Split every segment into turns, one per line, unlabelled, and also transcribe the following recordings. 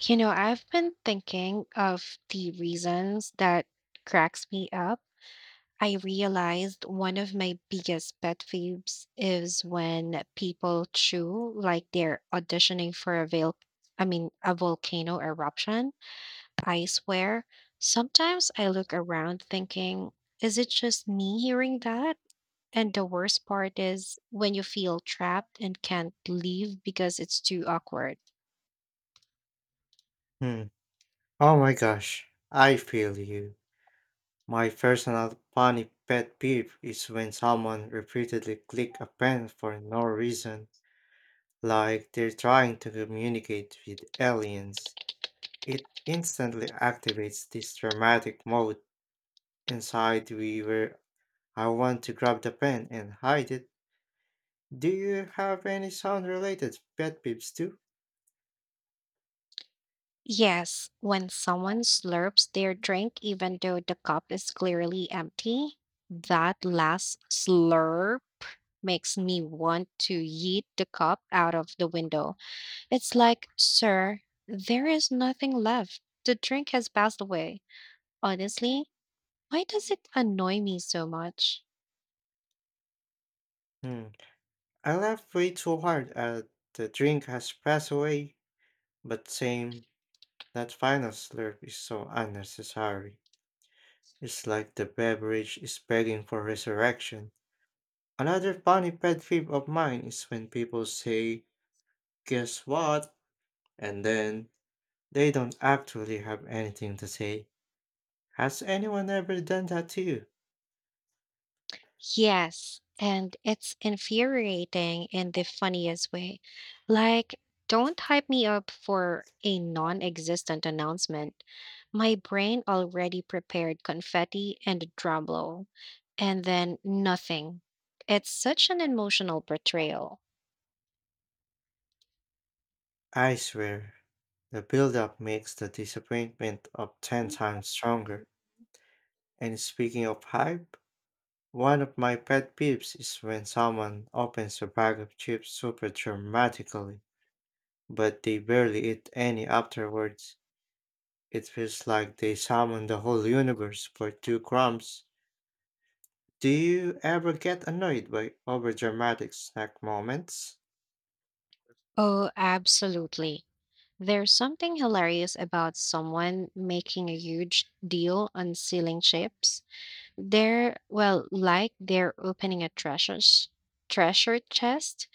You know, I've been thinking of the reasons that cracks me up. I realized one of my biggest pet peeves is when people chew like they're auditioning for a a volcano eruption. I swear, sometimes I look around thinking, is it just me hearing that? And the worst part is when you feel trapped and can't leave because it's too awkward.
Hmm. Oh my gosh, I feel you. My personal funny pet peeve is when someone repeatedly click a pen for no reason, like they're trying to communicate with aliens. It instantly activates this dramatic mode inside we where I want to grab the pen and hide it. Do you have any sound related pet peeves too?
Yes, when someone slurps their drink even though the cup is clearly empty, that last slurp makes me want to yeet the cup out of the window. It's like, sir, there is nothing left. The drink has passed away. Honestly, why does it annoy me so much?
Hmm. I laughed way too hard at the drink has passed away, but same. That final slurp is so unnecessary. It's like the beverage is begging for resurrection. Another funny pet peeve of mine is when people say, "Guess what?" And then they don't actually have anything to say. Has anyone ever done that to you?
Yes, and it's infuriating in the funniest way. Like, don't hype me up for a non existent announcement. My brain already prepared confetti and a drum roll, and then nothing. It's such an emotional portrayal.
I swear, the build-up makes the disappointment of 10 times stronger. And speaking of hype, one of my pet peeves is when someone opens a bag of chips super dramatically but they barely eat any afterwards. It feels like they summon the whole universe for two crumbs. Do you ever get annoyed by overdramatic snack moments?
Oh, absolutely. There's something hilarious about someone making a huge deal on sealing chips. They're, well, like they're opening a treasure chest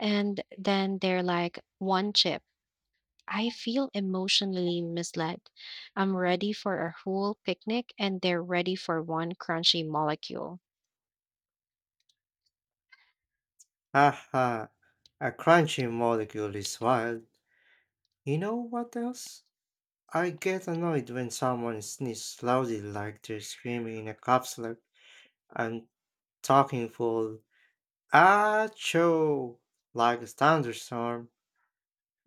and then they're like one chip. I feel emotionally misled. I'm ready for a whole picnic and they're ready for one crunchy molecule.
Haha, a crunchy molecule is wild. You know what else? I get annoyed when someone sneezes loudly like they're screaming in a capsule. I'm talking full. Achoo! Like a thunderstorm.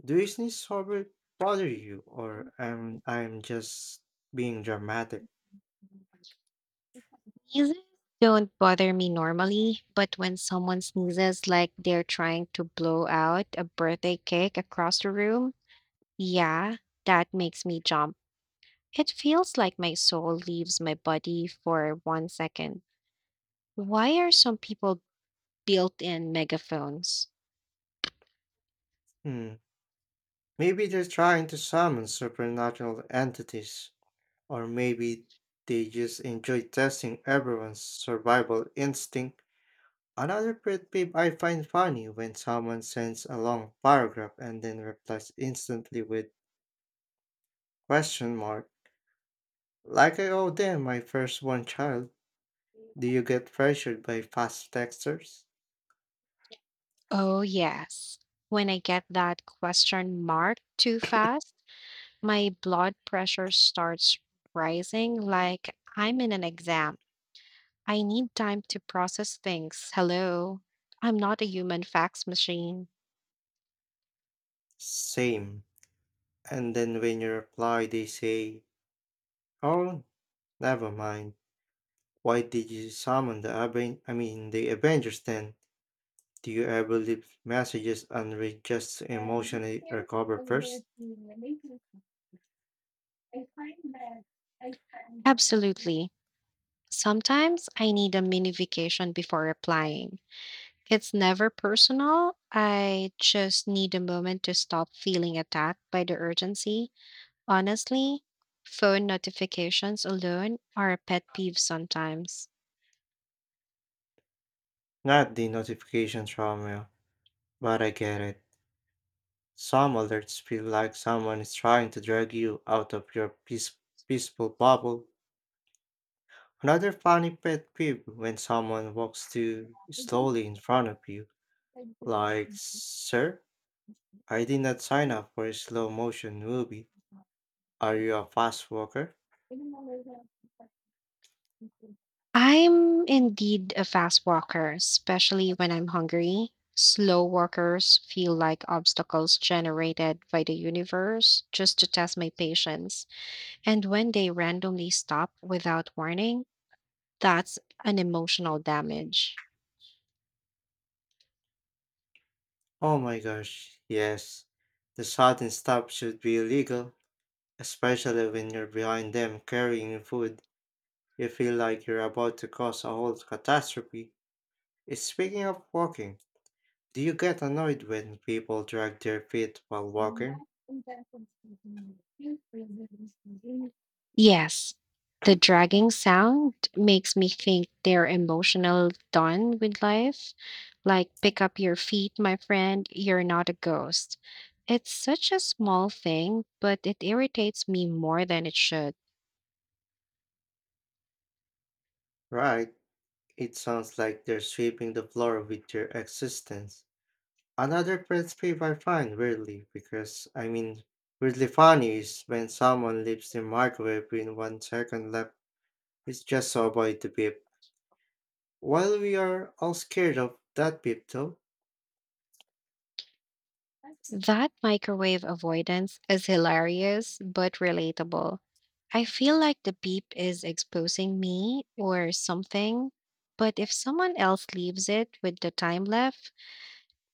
Do you sneeze ever bother you, or am I'm just being dramatic?
Sneezes don't bother me normally, but when someone sneezes like they're trying to blow out a birthday cake across the room, yeah, that makes me jump. It feels like my soul leaves my body for 1 second. Why are some people built in megaphones?
Hmm. Maybe they're trying to summon supernatural entities, or maybe they just enjoy testing everyone's survival instinct. Another pet peeve I find funny when someone sends a long paragraph and then replies instantly with question mark. Like I owe them my firstborn child. Do you get pressured by fast texters?
Oh, yes. When I get that question mark too fast, my blood pressure starts rising like I'm in an exam. I need time to process things. Hello. I'm not a human fax machine.
Same. And then when you reply, they say, "Oh, never mind." Why did you summon the I mean the Avengers then? Do you ever leave messages and read just to emotionally recover first?
Absolutely. Sometimes I need a mini vacation before replying. It's never personal. I just need a moment to stop feeling attacked by the urgency. Honestly, phone notifications alone are a pet peeve sometimes.
Not the notification trauma, but I get it. Some alerts feel like someone is trying to drag you out of your peaceful bubble. Another funny pet peeve when someone walks too slowly in front of you, like, sir? I did not sign up for a slow motion movie. Are you a fast walker?
I'm indeed a fast walker, especially when I'm hungry. Slow walkers feel like obstacles generated by the universe just to test my patience. And when they randomly stop without warning, that's an emotional damage.
Oh my gosh, yes. The sudden stop should be illegal, especially when you're behind them carrying food. You feel like you're about to cause a whole catastrophe. Speaking of walking, do you get annoyed when people drag their feet while walking?
Yes, the dragging sound makes me think they're emotional done with life. Like, pick up your feet, my friend, you're not a ghost. It's such a small thing, but it irritates me more than it should.
Right, it sounds like they're sweeping the floor with their existence. Another pet peeve I find weirdly because I mean weirdly funny is when someone leaves the microwave with 1 second left. It's just so avoid the beep. While we are all scared of that beep though,
That microwave avoidance is hilarious but relatable. I feel like the beep is exposing me or something, but if someone else leaves it with the time left,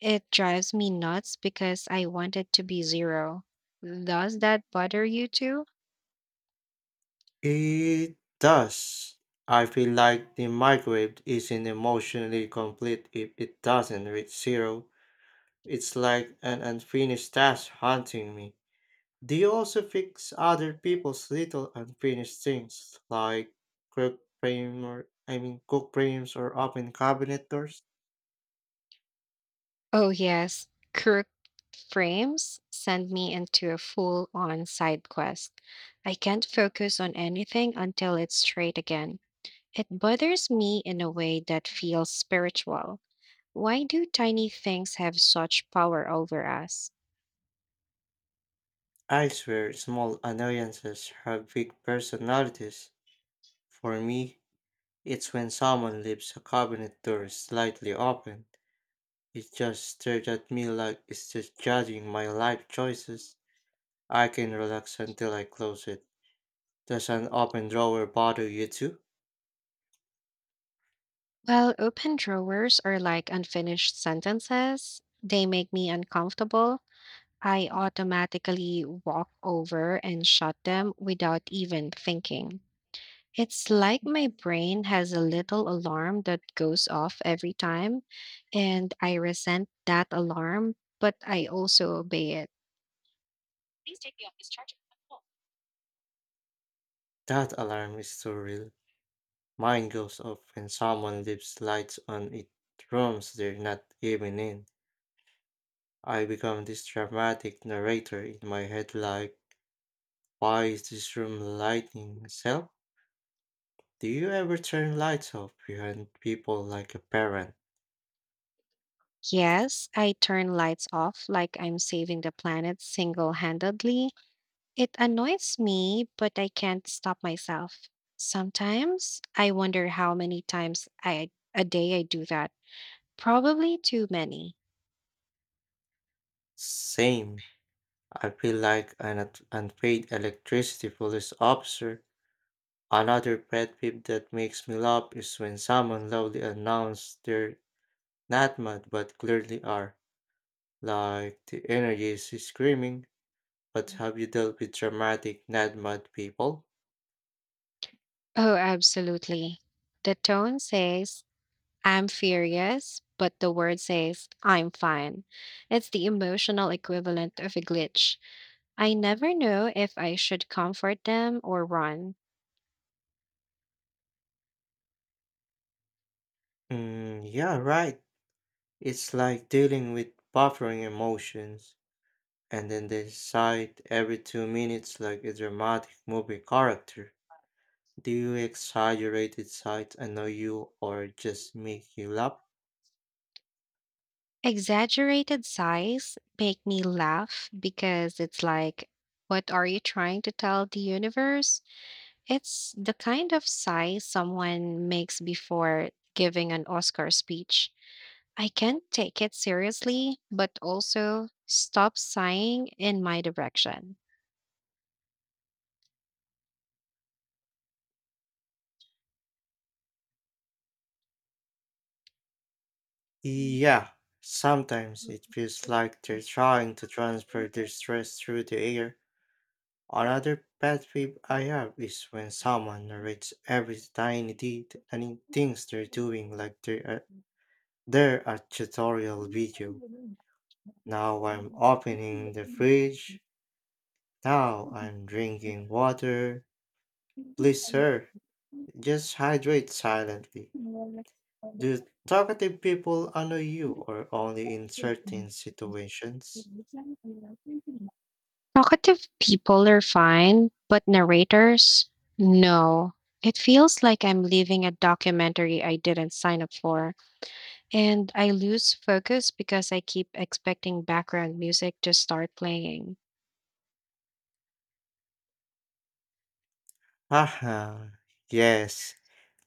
it drives me nuts because I want it to be zero. Does that bother you too?
it does. I feel like the microwave isn't emotionally complete if it doesn't reach zero. It's like an unfinished task haunting me. They also fix other people's little unfinished things like crook frame or I mean cook frames or open cabinet doors?
Oh, yes. Crooked frames send me into a full on side quest. I can't focus on anything until it's straight again. It bothers me in a way that feels spiritual. Why do tiny things have such power over us?
I swear small annoyances have big personalities. For me, it's when someone leaves a cabinet door slightly open. It just stares at me like it's just judging my life choices. I can relax until I close it. Does an open drawer bother you too?
Well, open drawers are like unfinished sentences. They make me uncomfortable. I automatically walk over and shut them without even thinking. It's like my brain has a little alarm that goes off every time, and I resent that alarm, but I also obey it.
That alarm is so real. Mine goes off when someone leaves lights on it rooms they're not even in. I become this dramatic narrator in my head like, why is this room lighting itself? Do you ever turn lights off behind people like a parent?
Yes, I turn lights off like I'm saving the planet single handedly. It annoys me, but I can't stop myself. Sometimes I wonder how many times a day I do that. Probably too many.
Same. I feel like an unpaid electricity police officer. Another pet peeve that makes me laugh is when someone loudly announces they're not mad but clearly are, like the energy is screaming. But have you dealt with dramatic NADMAD people?
Oh, absolutely. The tone says, I'm furious, but the word says, I'm fine. It's the emotional equivalent of a glitch. I never know if I should comfort them or run.
Mm, yeah, right. It's like dealing with buffering emotions, and then they decide every 2 minutes like a dramatic movie character. Do you exaggerated sides annoy you or just make you laugh?
Exaggerated sighs make me laugh because it's like, what are you trying to tell the universe? It's the kind of sigh someone makes before giving an Oscar speech. I can't take it seriously, but also stop sighing in my direction.
Yeah, sometimes it feels like they're trying to transfer their stress through the air. Another pet peeve I have is when someone narrates every tiny things they're doing like they're a tutorial video. Now I'm opening the fridge. Now I'm drinking water. Please, sir, just hydrate silently. Do talkative people annoy you or only in certain situations?
Talkative people are fine, but narrators, no. It feels like I'm leaving a documentary I didn't sign up for, and I lose focus because I keep expecting background music to start playing.
Haha, yes,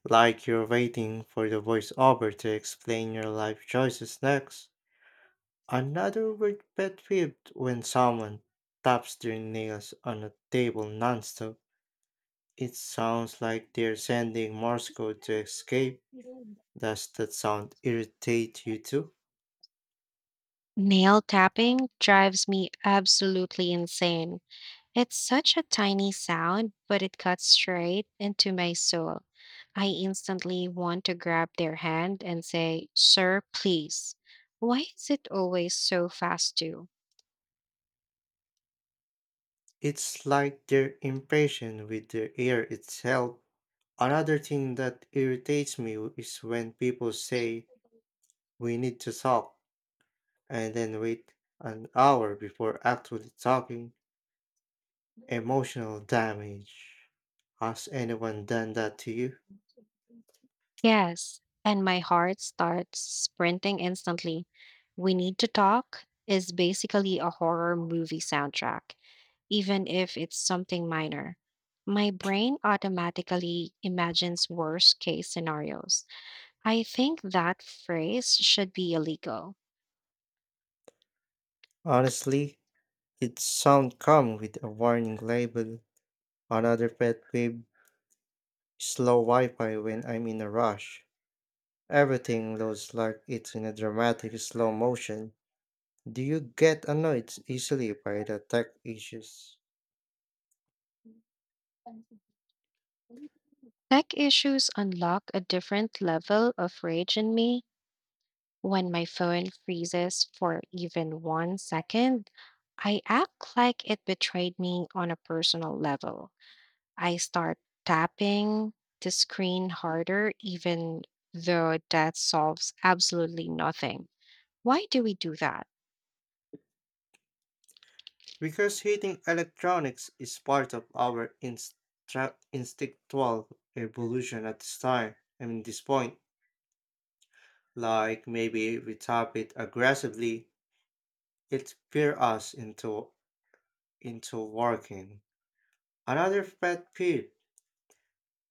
like you're waiting for the voiceover to explain your life choices next. Another word pet peeve when someone taps their nails on a table nonstop. It sounds like they're sending Morse code to escape. Does that sound irritate you too?
Nail tapping drives me absolutely insane. It's such a tiny sound, but it cuts straight into my soul. I instantly want to grab their hand and say, sir, please. Why is it always so fast, too?
It's like they're impatient with their ear itself. Another thing that irritates me is when people say, "We need to talk," and then wait an hour before actually talking. Emotional damage. Has anyone done that to you?
Yes. And my heart starts sprinting instantly. We need to talk is basically a horror movie soundtrack, even if it's something minor. My brain automatically imagines worst case scenarios. I think that phrase should be illegal.
Honestly, it sound come with a warning label. Another pet peeve, slow Wi-Fi when I'm in a rush. Everything looks like it's in a dramatic slow motion. Do you get annoyed easily by the tech issues?
Tech issues unlock a different level of rage in me. When my phone freezes for even 1 second, I act like it betrayed me on a personal level. I start tapping the screen harder, even though that solves absolutely nothing. Why do we do that?
Because hating electronics is part of our instinctual evolution at this , I mean, this point. Like maybe we tap it aggressively, it fear us into working. Another pet peeve: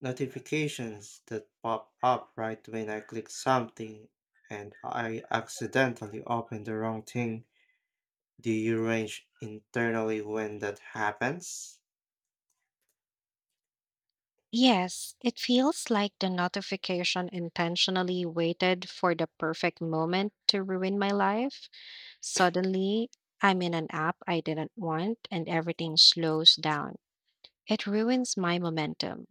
notifications that pop up right when I click something, and I accidentally open the wrong thing. Do you range internally when that happens?
Yes, it feels like the notification intentionally waited for the perfect moment to ruin my life. Suddenly, I'm in an app I didn't want, and everything slows down. It ruins my momentum.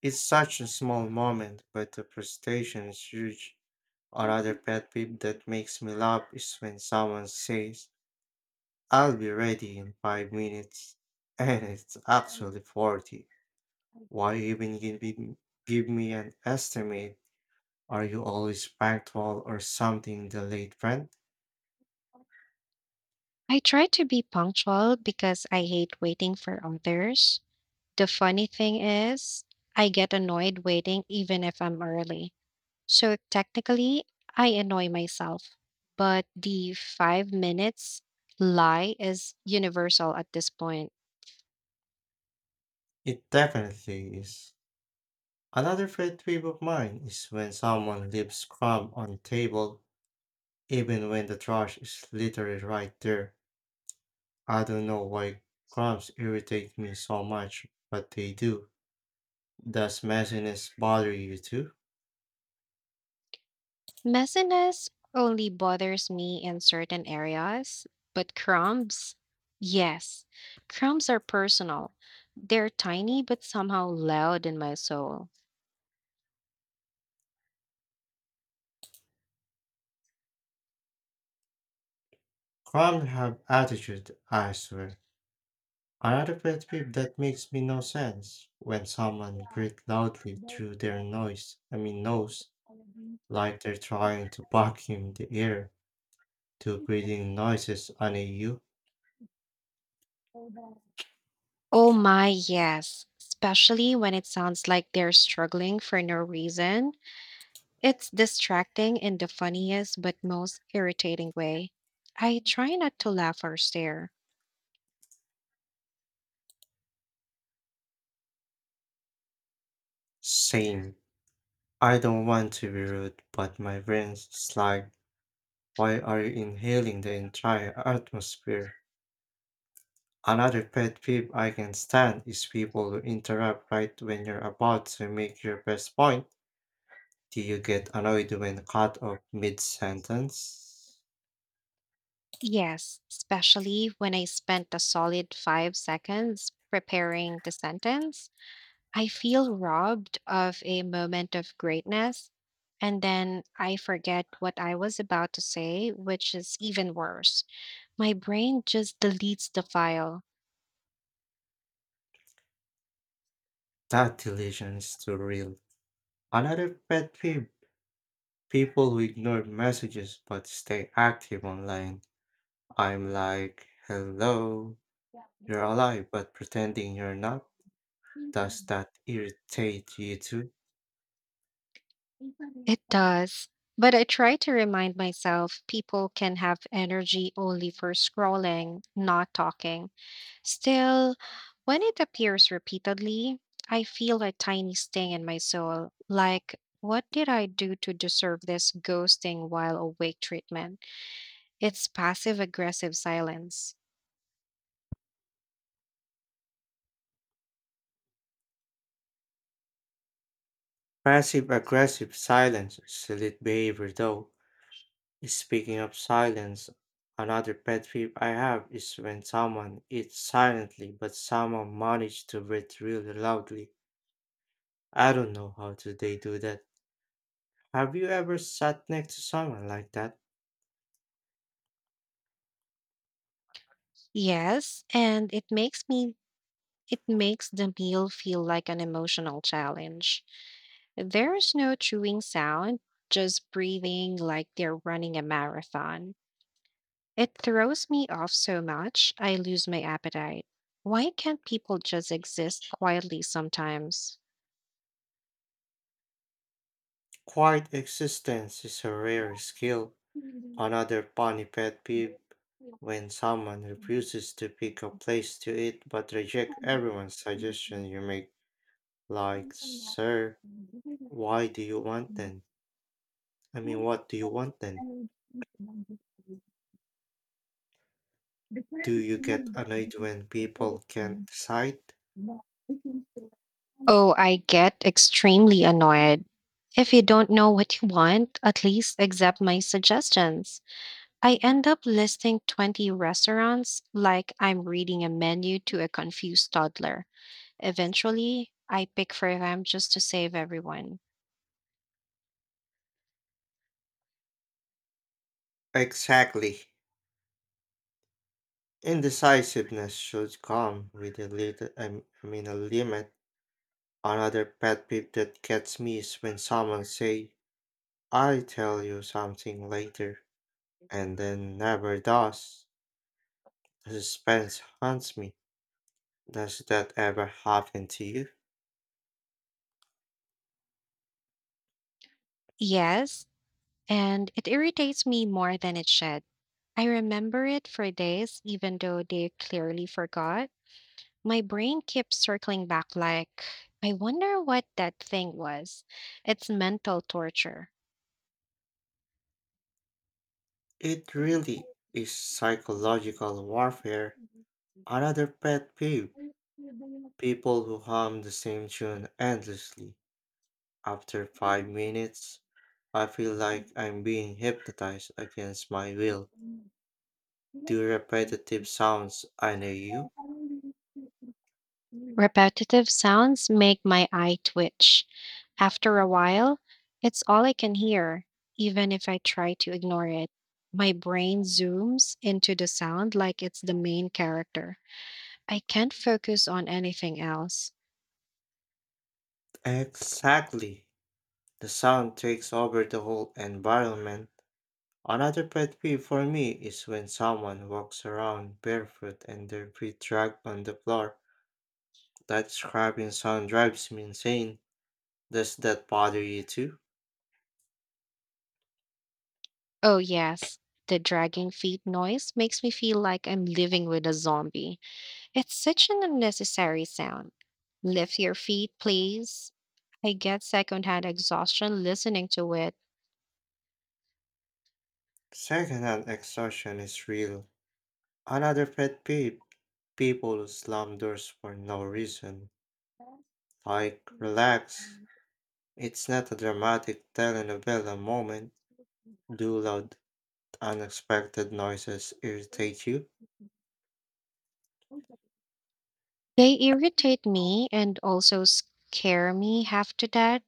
It's such a small moment, but the frustration is huge. Another pet peeve that makes me laugh is when someone says, "I'll be ready in 5 minutes," and it's actually 40. Why even give me an estimate? Are you always punctual or something the late friend?
I try to be punctual because I hate waiting for others. The funny thing is, I get annoyed waiting even if I'm early. So technically, I annoy myself. But the 5 minutes lie is universal at this point.
It definitely is. Another pet peeve of mine is when someone leaves crumb on table even when the trash is literally right there. I don't know why crabs irritate me so much, but they do. Does messiness bother you too?
Messiness only bothers me in certain areas, but crumbs, yes. Crumbs are personal. They're tiny but somehow loud in my soul.
Crabs have attitude, I swear. Another pet peeve that makes me no sense when someone breathes loudly through their , I mean, nose, like they're trying to vacuum the air to creating noises on a you.
Oh my, yes. Especially when it sounds like they're struggling for no reason. It's distracting in the funniest but most irritating way. I try not to laugh or stare.
Same. I don't want to be rude, but my brain's just like, why are you inhaling the entire atmosphere? Another pet peeve I can stand is people who interrupt right when you're about to make your best point. Do you get annoyed when cut off mid sentence?
Yes, especially when I spent a solid 5 seconds preparing the sentence. I feel robbed of a moment of greatness, and then I forget what I was about to say, which is even worse. My brain just deletes the file.
That delusion is too real. Another pet peeve people who ignore messages but stay active online. I'm like, hello, you're alive but pretending you're not. Does that irritate you too?
It does. But I try to remind myself people can have energy only for scrolling, not talking. Still, when it appears repeatedly, I feel a tiny sting in my soul, like, what did I do to deserve this ghosting while awake treatment? It's passive aggressive silence.
Passive aggressive silence is elite behavior though. Speaking of silence, another pet peeve I have is when someone eats silently but somehow manages to breathe really loudly. I don't know how do they do that. Have you ever sat next to someone like that?
Yes, and it makes the meal feel like an emotional challenge. There's no chewing sound, just breathing like they're running a marathon. It throws me off so much, I lose my appetite. Why can't people just exist quietly sometimes?
Quiet existence is a rare skill. Another funny pet peeve when someone refuses to pick a place to eat but reject everyone's suggestion you make. Like, sir, why do you want then? I mean, what do you want then? Do you get annoyed when people can't decide?
Oh, I get extremely annoyed. If you don't know what you want, at least accept my suggestions. I end up listing 20 restaurants like I'm reading a menu to a confused toddler. Eventually, I pick for them just to save everyone.
Exactly. Indecisiveness should come with , I mean, a limit. Another pet peeve that gets me is when someone say, "I tell you something later," and then never does. The suspense haunts me. Does that ever happen to you?
Yes, and it irritates me more than it should. I remember it for days, even though they clearly forgot. My brain keeps circling back, like, I wonder what that thing was. It's mental torture.
It really is psychological warfare. Another pet peeve: people who hum the same tune endlessly. After 5 minutes, I feel like I'm being hypnotized against my will. Do repetitive sounds I know you?
Repetitive sounds make my eye twitch. After a while, it's all I can hear, even if I try to ignore it. My brain zooms into the sound like it's the main character. I can't focus on anything else.
Exactly. The sound takes over the whole environment. Another pet peeve for me is when someone walks around barefoot and their feet drag on the floor. That scraping sound drives me insane. Does that bother you too?
Oh, yes. The dragging feet noise makes me feel like I'm living with a zombie. It's such an unnecessary sound. Lift your feet, please. I get secondhand exhaustion listening to it.
Secondhand exhaustion is real. Another pet peeve people who slam doors for no reason. Like, relax. It's not a dramatic telenovela moment. Do loud, unexpected noises irritate you?
They irritate me and also scare me half to death.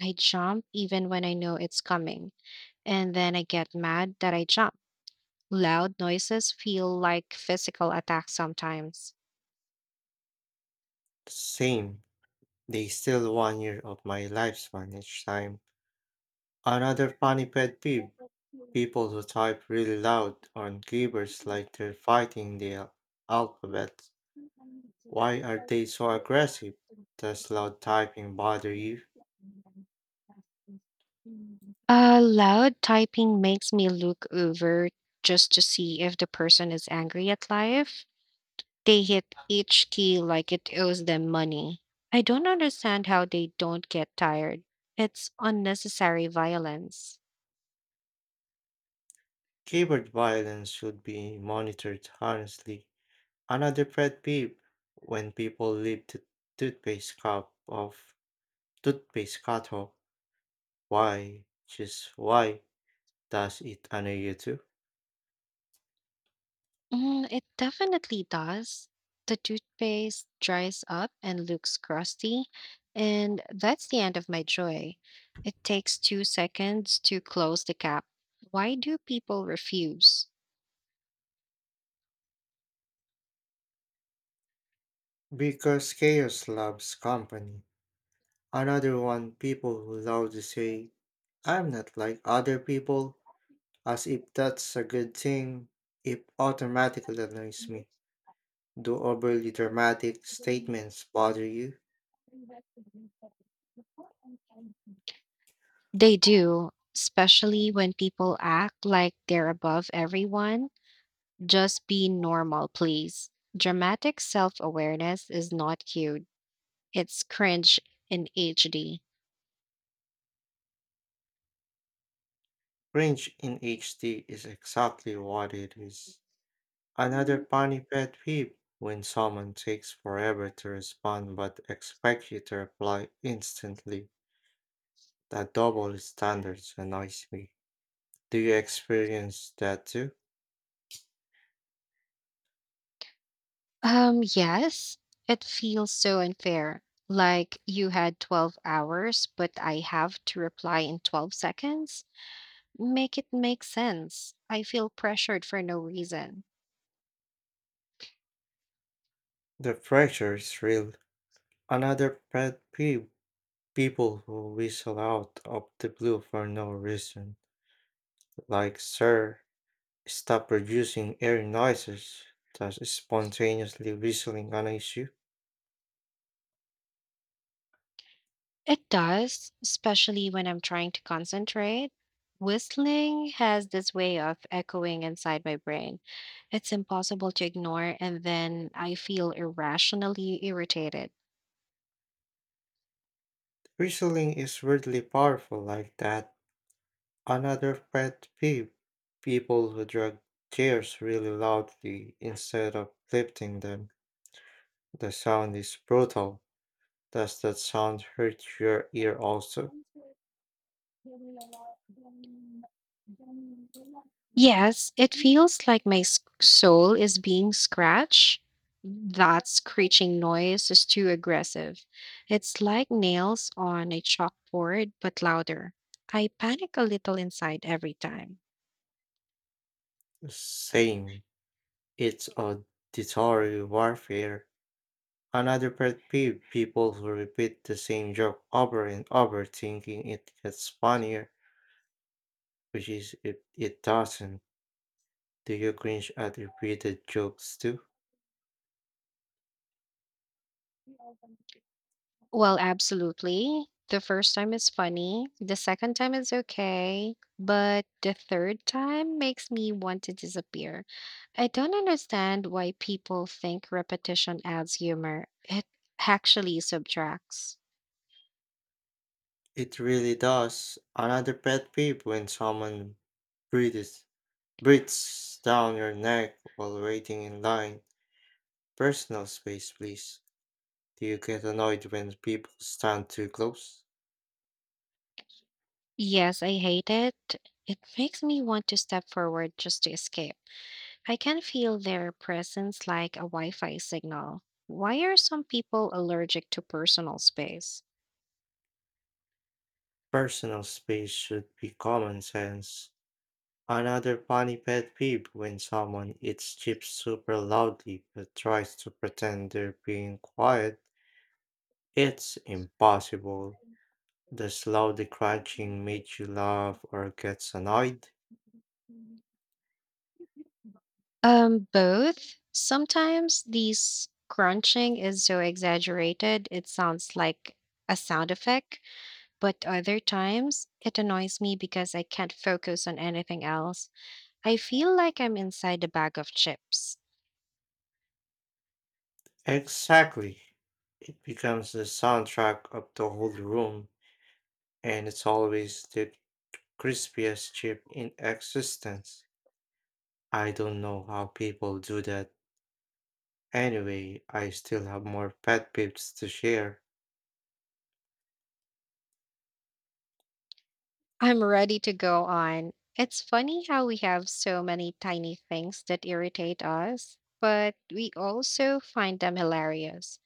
I jump even when I know it's coming, and then I get mad that I jump. Loud noises feel like physical attacks sometimes.
Same. They steal 1 year of my lifespan each time. Another funny pet peeve. People who type really loud on keyboards like they're fighting the alphabet. Why are they so aggressive? Does loud typing bother you?
Loud typing makes me look over just to see if the person is angry at life. They hit each key like it owes them money. I don't understand how they don't get tired. It's unnecessary violence.
Keyboard violence should be monitored honestly. Another pet peeve when people leave the toothpaste cup of toothpaste cattle. Why? Just why does it annoy you too?
Mm, it definitely does. The toothpaste dries up and looks crusty, and that's the end of my joy. It takes 2 seconds to close the cap. Why do people refuse?
Because chaos loves company. Another one people who loudly say, "I'm not like other people," as if that's a good thing. It automatically annoys me. Do overly dramatic statements bother you?
They do, especially when people act like they're above everyone. Just be normal, please. Dramatic self awareness is not cute. It's cringe in HD.
Cringe in HD is exactly what it is. Another funny pet peeve when someone takes forever to respond but expects you to reply instantly. That double standards annoys me. Do you experience that too?
Yes, it feels so unfair. Like you had 12 hours, but I have to reply in 12 seconds. Make it make sense. I feel pressured for no reason.
The pressure is real. Another pet peeve people who whistle out of the blue for no reason. Like, sir, stop producing air noises. Does spontaneously whistling an issue.
It does, especially when I'm trying to concentrate. Whistling has this way of echoing inside my brain. It's impossible to ignore, and then I feel irrationally irritated.
Whistling is weirdly powerful like that. Another pet peeve people who drag chairs really loudly instead of lifting them. The sound is brutal. Does that sound hurt your ear also?
Yes, it feels like my soul is being scratched. That screeching noise is too aggressive. It's like nails on a chalkboard, but louder. I panic a little inside every time.
Same. It's auditory warfare. Another pet peeve, people who repeat the same joke over and over thinking it gets funnier, which is it, it doesn't. Do you cringe at repeated jokes too?
Well, absolutely. The first time is funny, the second time is okay, but the third time makes me want to disappear. I don't understand why people think repetition adds humor. It actually subtracts.
It really does. Another pet peeve when someone Breathes, breathes down your neck while waiting in line. Personal space, please. Do you get annoyed when people stand too close?
Yes, I hate it. It makes me want to step forward just to escape. I can feel their presence like a Wi Fi signal. Why are some people allergic to personal space?
Personal space should be common sense. Another funny pet peeve when someone eats chips super loudly but tries to pretend they're being quiet. It's impossible. Does loudly crunching make you laugh or gets annoyed?
Both. Sometimes these crunching is so exaggerated it sounds like a sound effect, but other times it annoys me because I can't focus on anything else. I feel like I'm inside a bag of chips.
Exactly. It becomes the soundtrack of the whole room, and it's always the crispiest chip in existence. I don't know how people do that. Anyway, I still have more pet peeves to share.
I'm ready to go on. It's funny how we have so many tiny things that irritate us, but we also find them hilarious.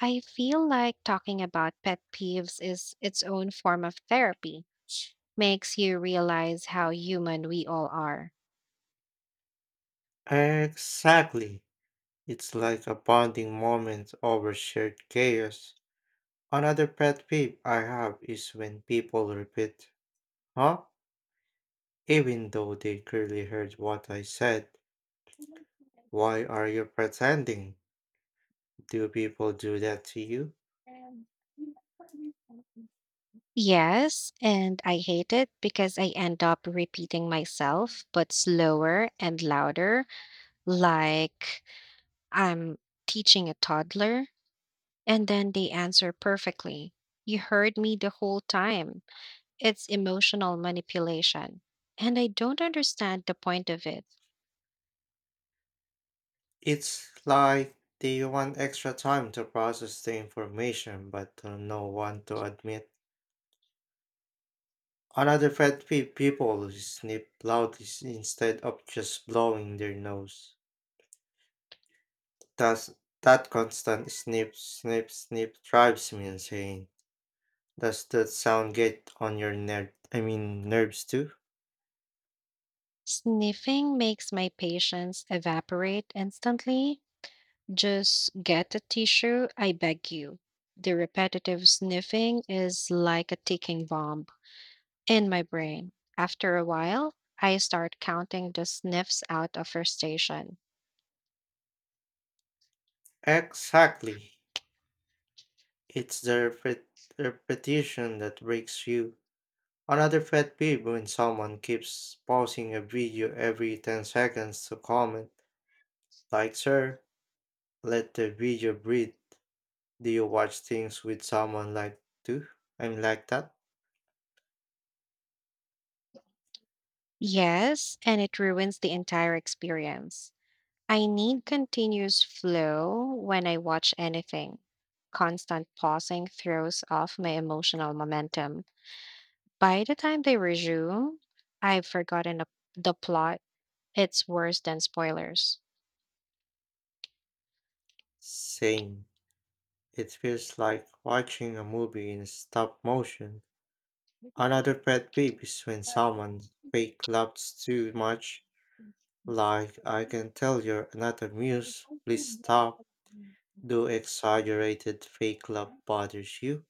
I feel like talking about pet peeves is its own form of therapy. Makes you realize how human we all are.
Exactly. It's like a bonding moment over shared chaos. Another pet peeve I have is when people repeat, huh? Even though they clearly heard what I said, why are you pretending? Do people do that to you?
Yes, and I hate it because I end up repeating myself, but slower and louder, like I'm teaching a toddler, and then they answer perfectly. You heard me the whole time. It's emotional manipulation, and I don't understand the point of it.
It's like they want extra time to process the information but don't know want to admit. Another pet peeve, people who sniff loudly instead of just blowing their nose. Does that constant snip, snip, snip drives me insane. Does that sound get on your nerve? I mean nerves too?
Sniffing makes my patience evaporate instantly. Just get a tissue, I beg you. The repetitive sniffing is like a ticking bomb in my brain. After a while, I start counting the sniffs out of frustration.
Exactly. It's the repetition that breaks you. Another pet peeve when someone keeps pausing a video every 10 seconds to comment, like, sir, let the video breathe. Do you watch things with someone like too? I'm like that?
Yes, and it ruins the entire experience. I need continuous flow when I watch anything. Constant pausing throws off my emotional momentum. By the time they resume, I've forgotten the plot. It's worse than spoilers.
Same. It feels like watching a movie in stop motion. Another pet peeve is when someone fake laughs too much, like, I can tell you're not amused, please stop. Do exaggerated fake love bothers you?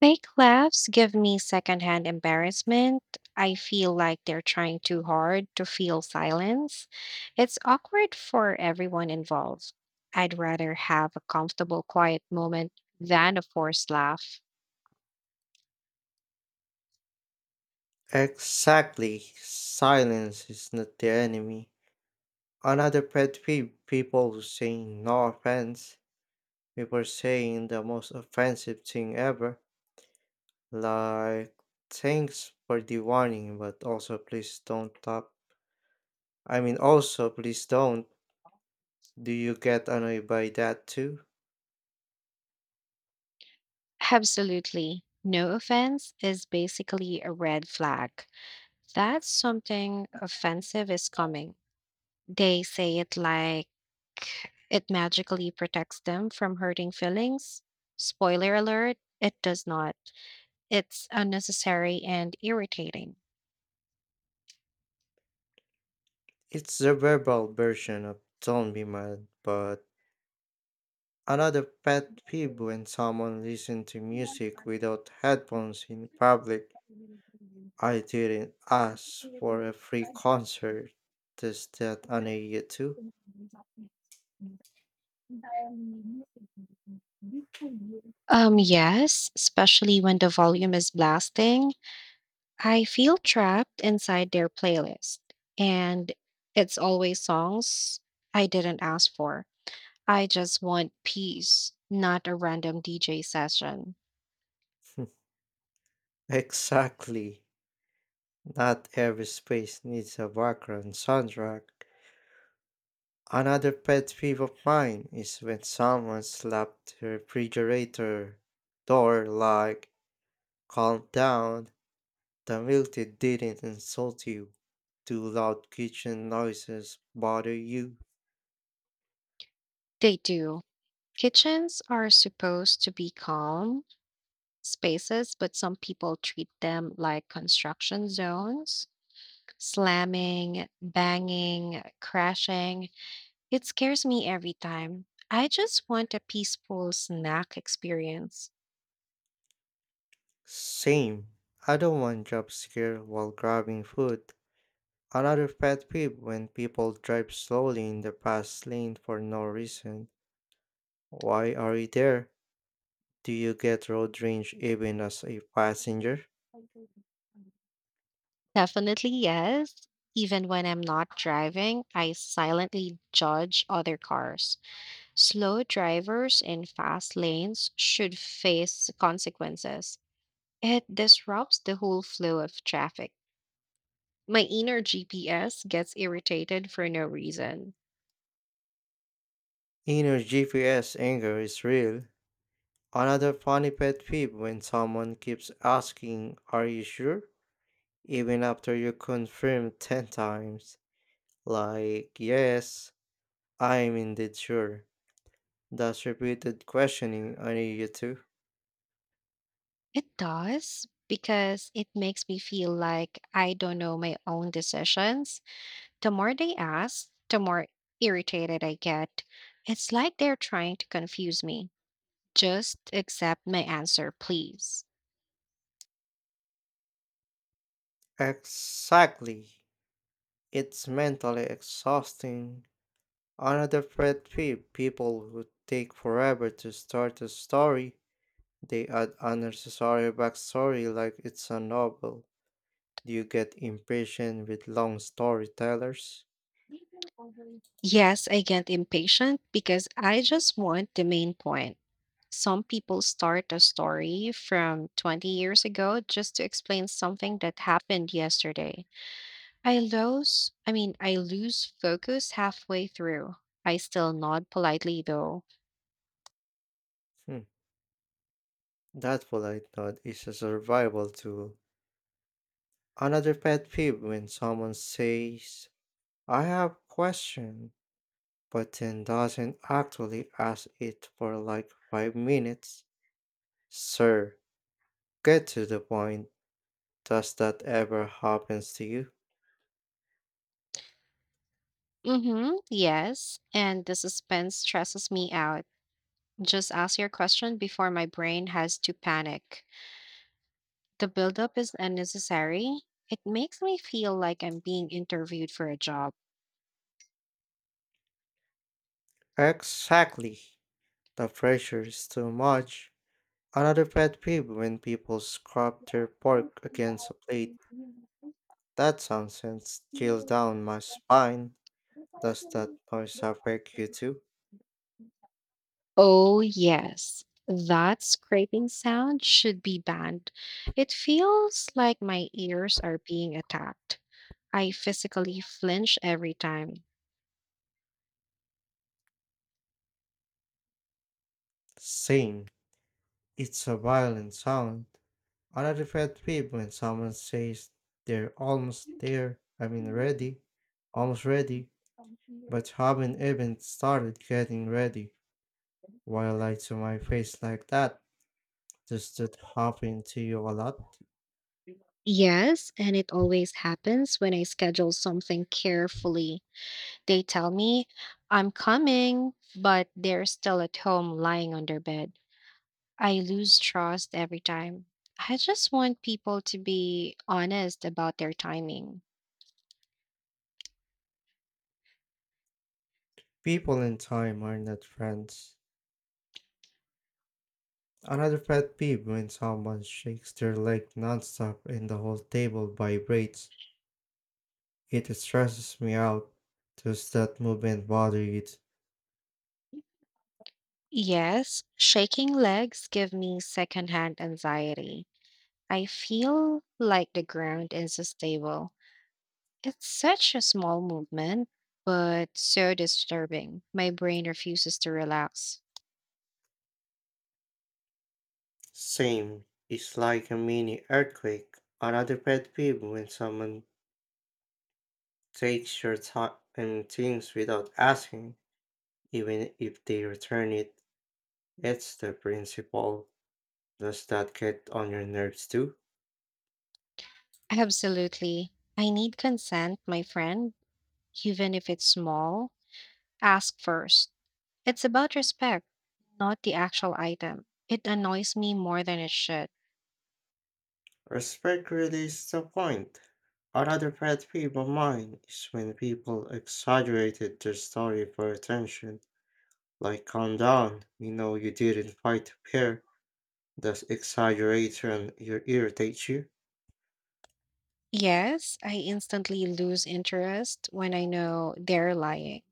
Fake laughs give me secondhand embarrassment. I feel like they're trying too hard to feel silence. It's awkward for everyone involved. I'd rather have a comfortable, quiet moment than a forced laugh.
Exactly. Silence is not the enemy. Another pet peeve, people who say no offense before saying the most offensive thing ever, like, thanks for the warning, but also please don't stop. I mean, also please don't. Do you get annoyed by that too?
Absolutely. No offense is basically a red flag. That's something offensive is coming. They say it like it magically protects them from hurting feelings. Spoiler alert, it does not. It's unnecessary and irritating.
It's the verbal version of don't be mad. But another pet peeve, when someone listens to music without headphones in public, I didn't ask for a free concert. Does that honor you too?
Yes, especially when the volume is blasting. I feel trapped inside their playlist, and it's always songs I didn't ask for. I just want peace, not a random DJ session.
Exactly. Not every space needs a background soundtrack. Another pet peeve of mine is when someone slapped the refrigerator door, like, calm down, the milk tea didn't insult you. Do loud kitchen noises bother you?
They do. Kitchens are supposed to be calm spaces, but some people treat them like construction zones, slamming, banging, crashing. It scares me every time. I just want a peaceful snack experience.
Same. I don't want jump scare while grabbing food. Another pet peeve when people drive slowly in the fast lane for no reason. Why are you there? Do you get road rage even as a passenger?
Definitely yes. Even when I'm not driving, I silently judge other cars. Slow drivers in fast lanes should face consequences. It disrupts the whole flow of traffic. My inner GPS gets irritated for no reason.
Inner GPS anger is real. Another funny pet peeve when someone keeps asking, are you sure? Even after you confirm 10 times. Like, yes, I'm indeed sure. That's repeated questioning on you too.
It does because it makes me feel like I don't know my own decisions. The more they ask, the more irritated I get. It's like they're trying to confuse me. Just accept my answer, please.
Exactly. It's mentally exhausting. Another pet peeve, people who take forever to start a story. They add unnecessary backstory like it's a novel. Do you get impatient with long storytellers?
Yes, I get impatient because I just want the main point. Some people start a story from 20 years ago just to explain something that happened yesterday. I lose focus halfway through. I still nod politely though.
Hmm, that polite nod is a survival tool. Another pet peeve when someone says, I have question, but then doesn't actually ask it for like 5 minutes. Sir, get to the point. Does that ever happens to you?
Mm-hmm, yes. And the suspense stresses me out. Just ask your question before my brain has to panic. The buildup is unnecessary. It makes me feel like I'm being interviewed for a job.
Exactly. The pressure is too much. Another pet peeve when people scrub their pork against a plate. That sound sends chills down my spine. Does that noise affect you too?
Oh, yes. That scraping sound should be banned. It feels like my ears are being attacked. I physically flinch every time.
Same. It's a violent sound. Another pet peeve when someone says they're almost there. I mean ready. Almost ready. But haven't even started getting ready. Why lie to my face like that? Does that happen to you a lot?
Yes, and it always happens when I schedule something carefully. They tell me I'm coming, but they're still at home lying on their bed. I lose trust every time. I just want people to be honest about their timing.
People in time are not friends. Another pet peeve when someone shakes their leg nonstop and the whole table vibrates. It stresses me out. Does that movement bother you?
Yes, shaking legs give me secondhand anxiety. I feel like the ground is unstable. It's such a small movement, but so disturbing. My brain refuses to relax.
Same. It's like a mini earthquake. Another pet peeve when someone takes your time and things without asking, even if they return it. It's the principle. Does that get on your nerves too?
Absolutely. I need consent, my friend, even if it's small. Ask first. It's about respect, not the actual item. It annoys me more than it should.
Respect really is the point. Another pet peeve of mine is when people exaggerated their story for attention. Like, calm down, you know you didn't fight a pair. Does exaggeration irritate you?
Yes, I instantly lose interest when I know they're lying.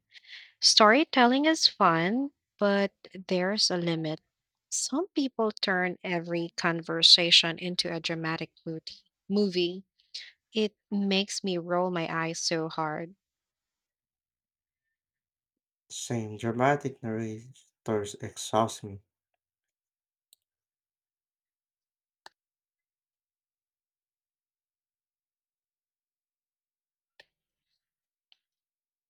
Storytelling is fun, but there's a limit. Some people turn every conversation into a dramatic movie. It makes me roll my eyes so hard.
Same, dramatic narrators exhaust me.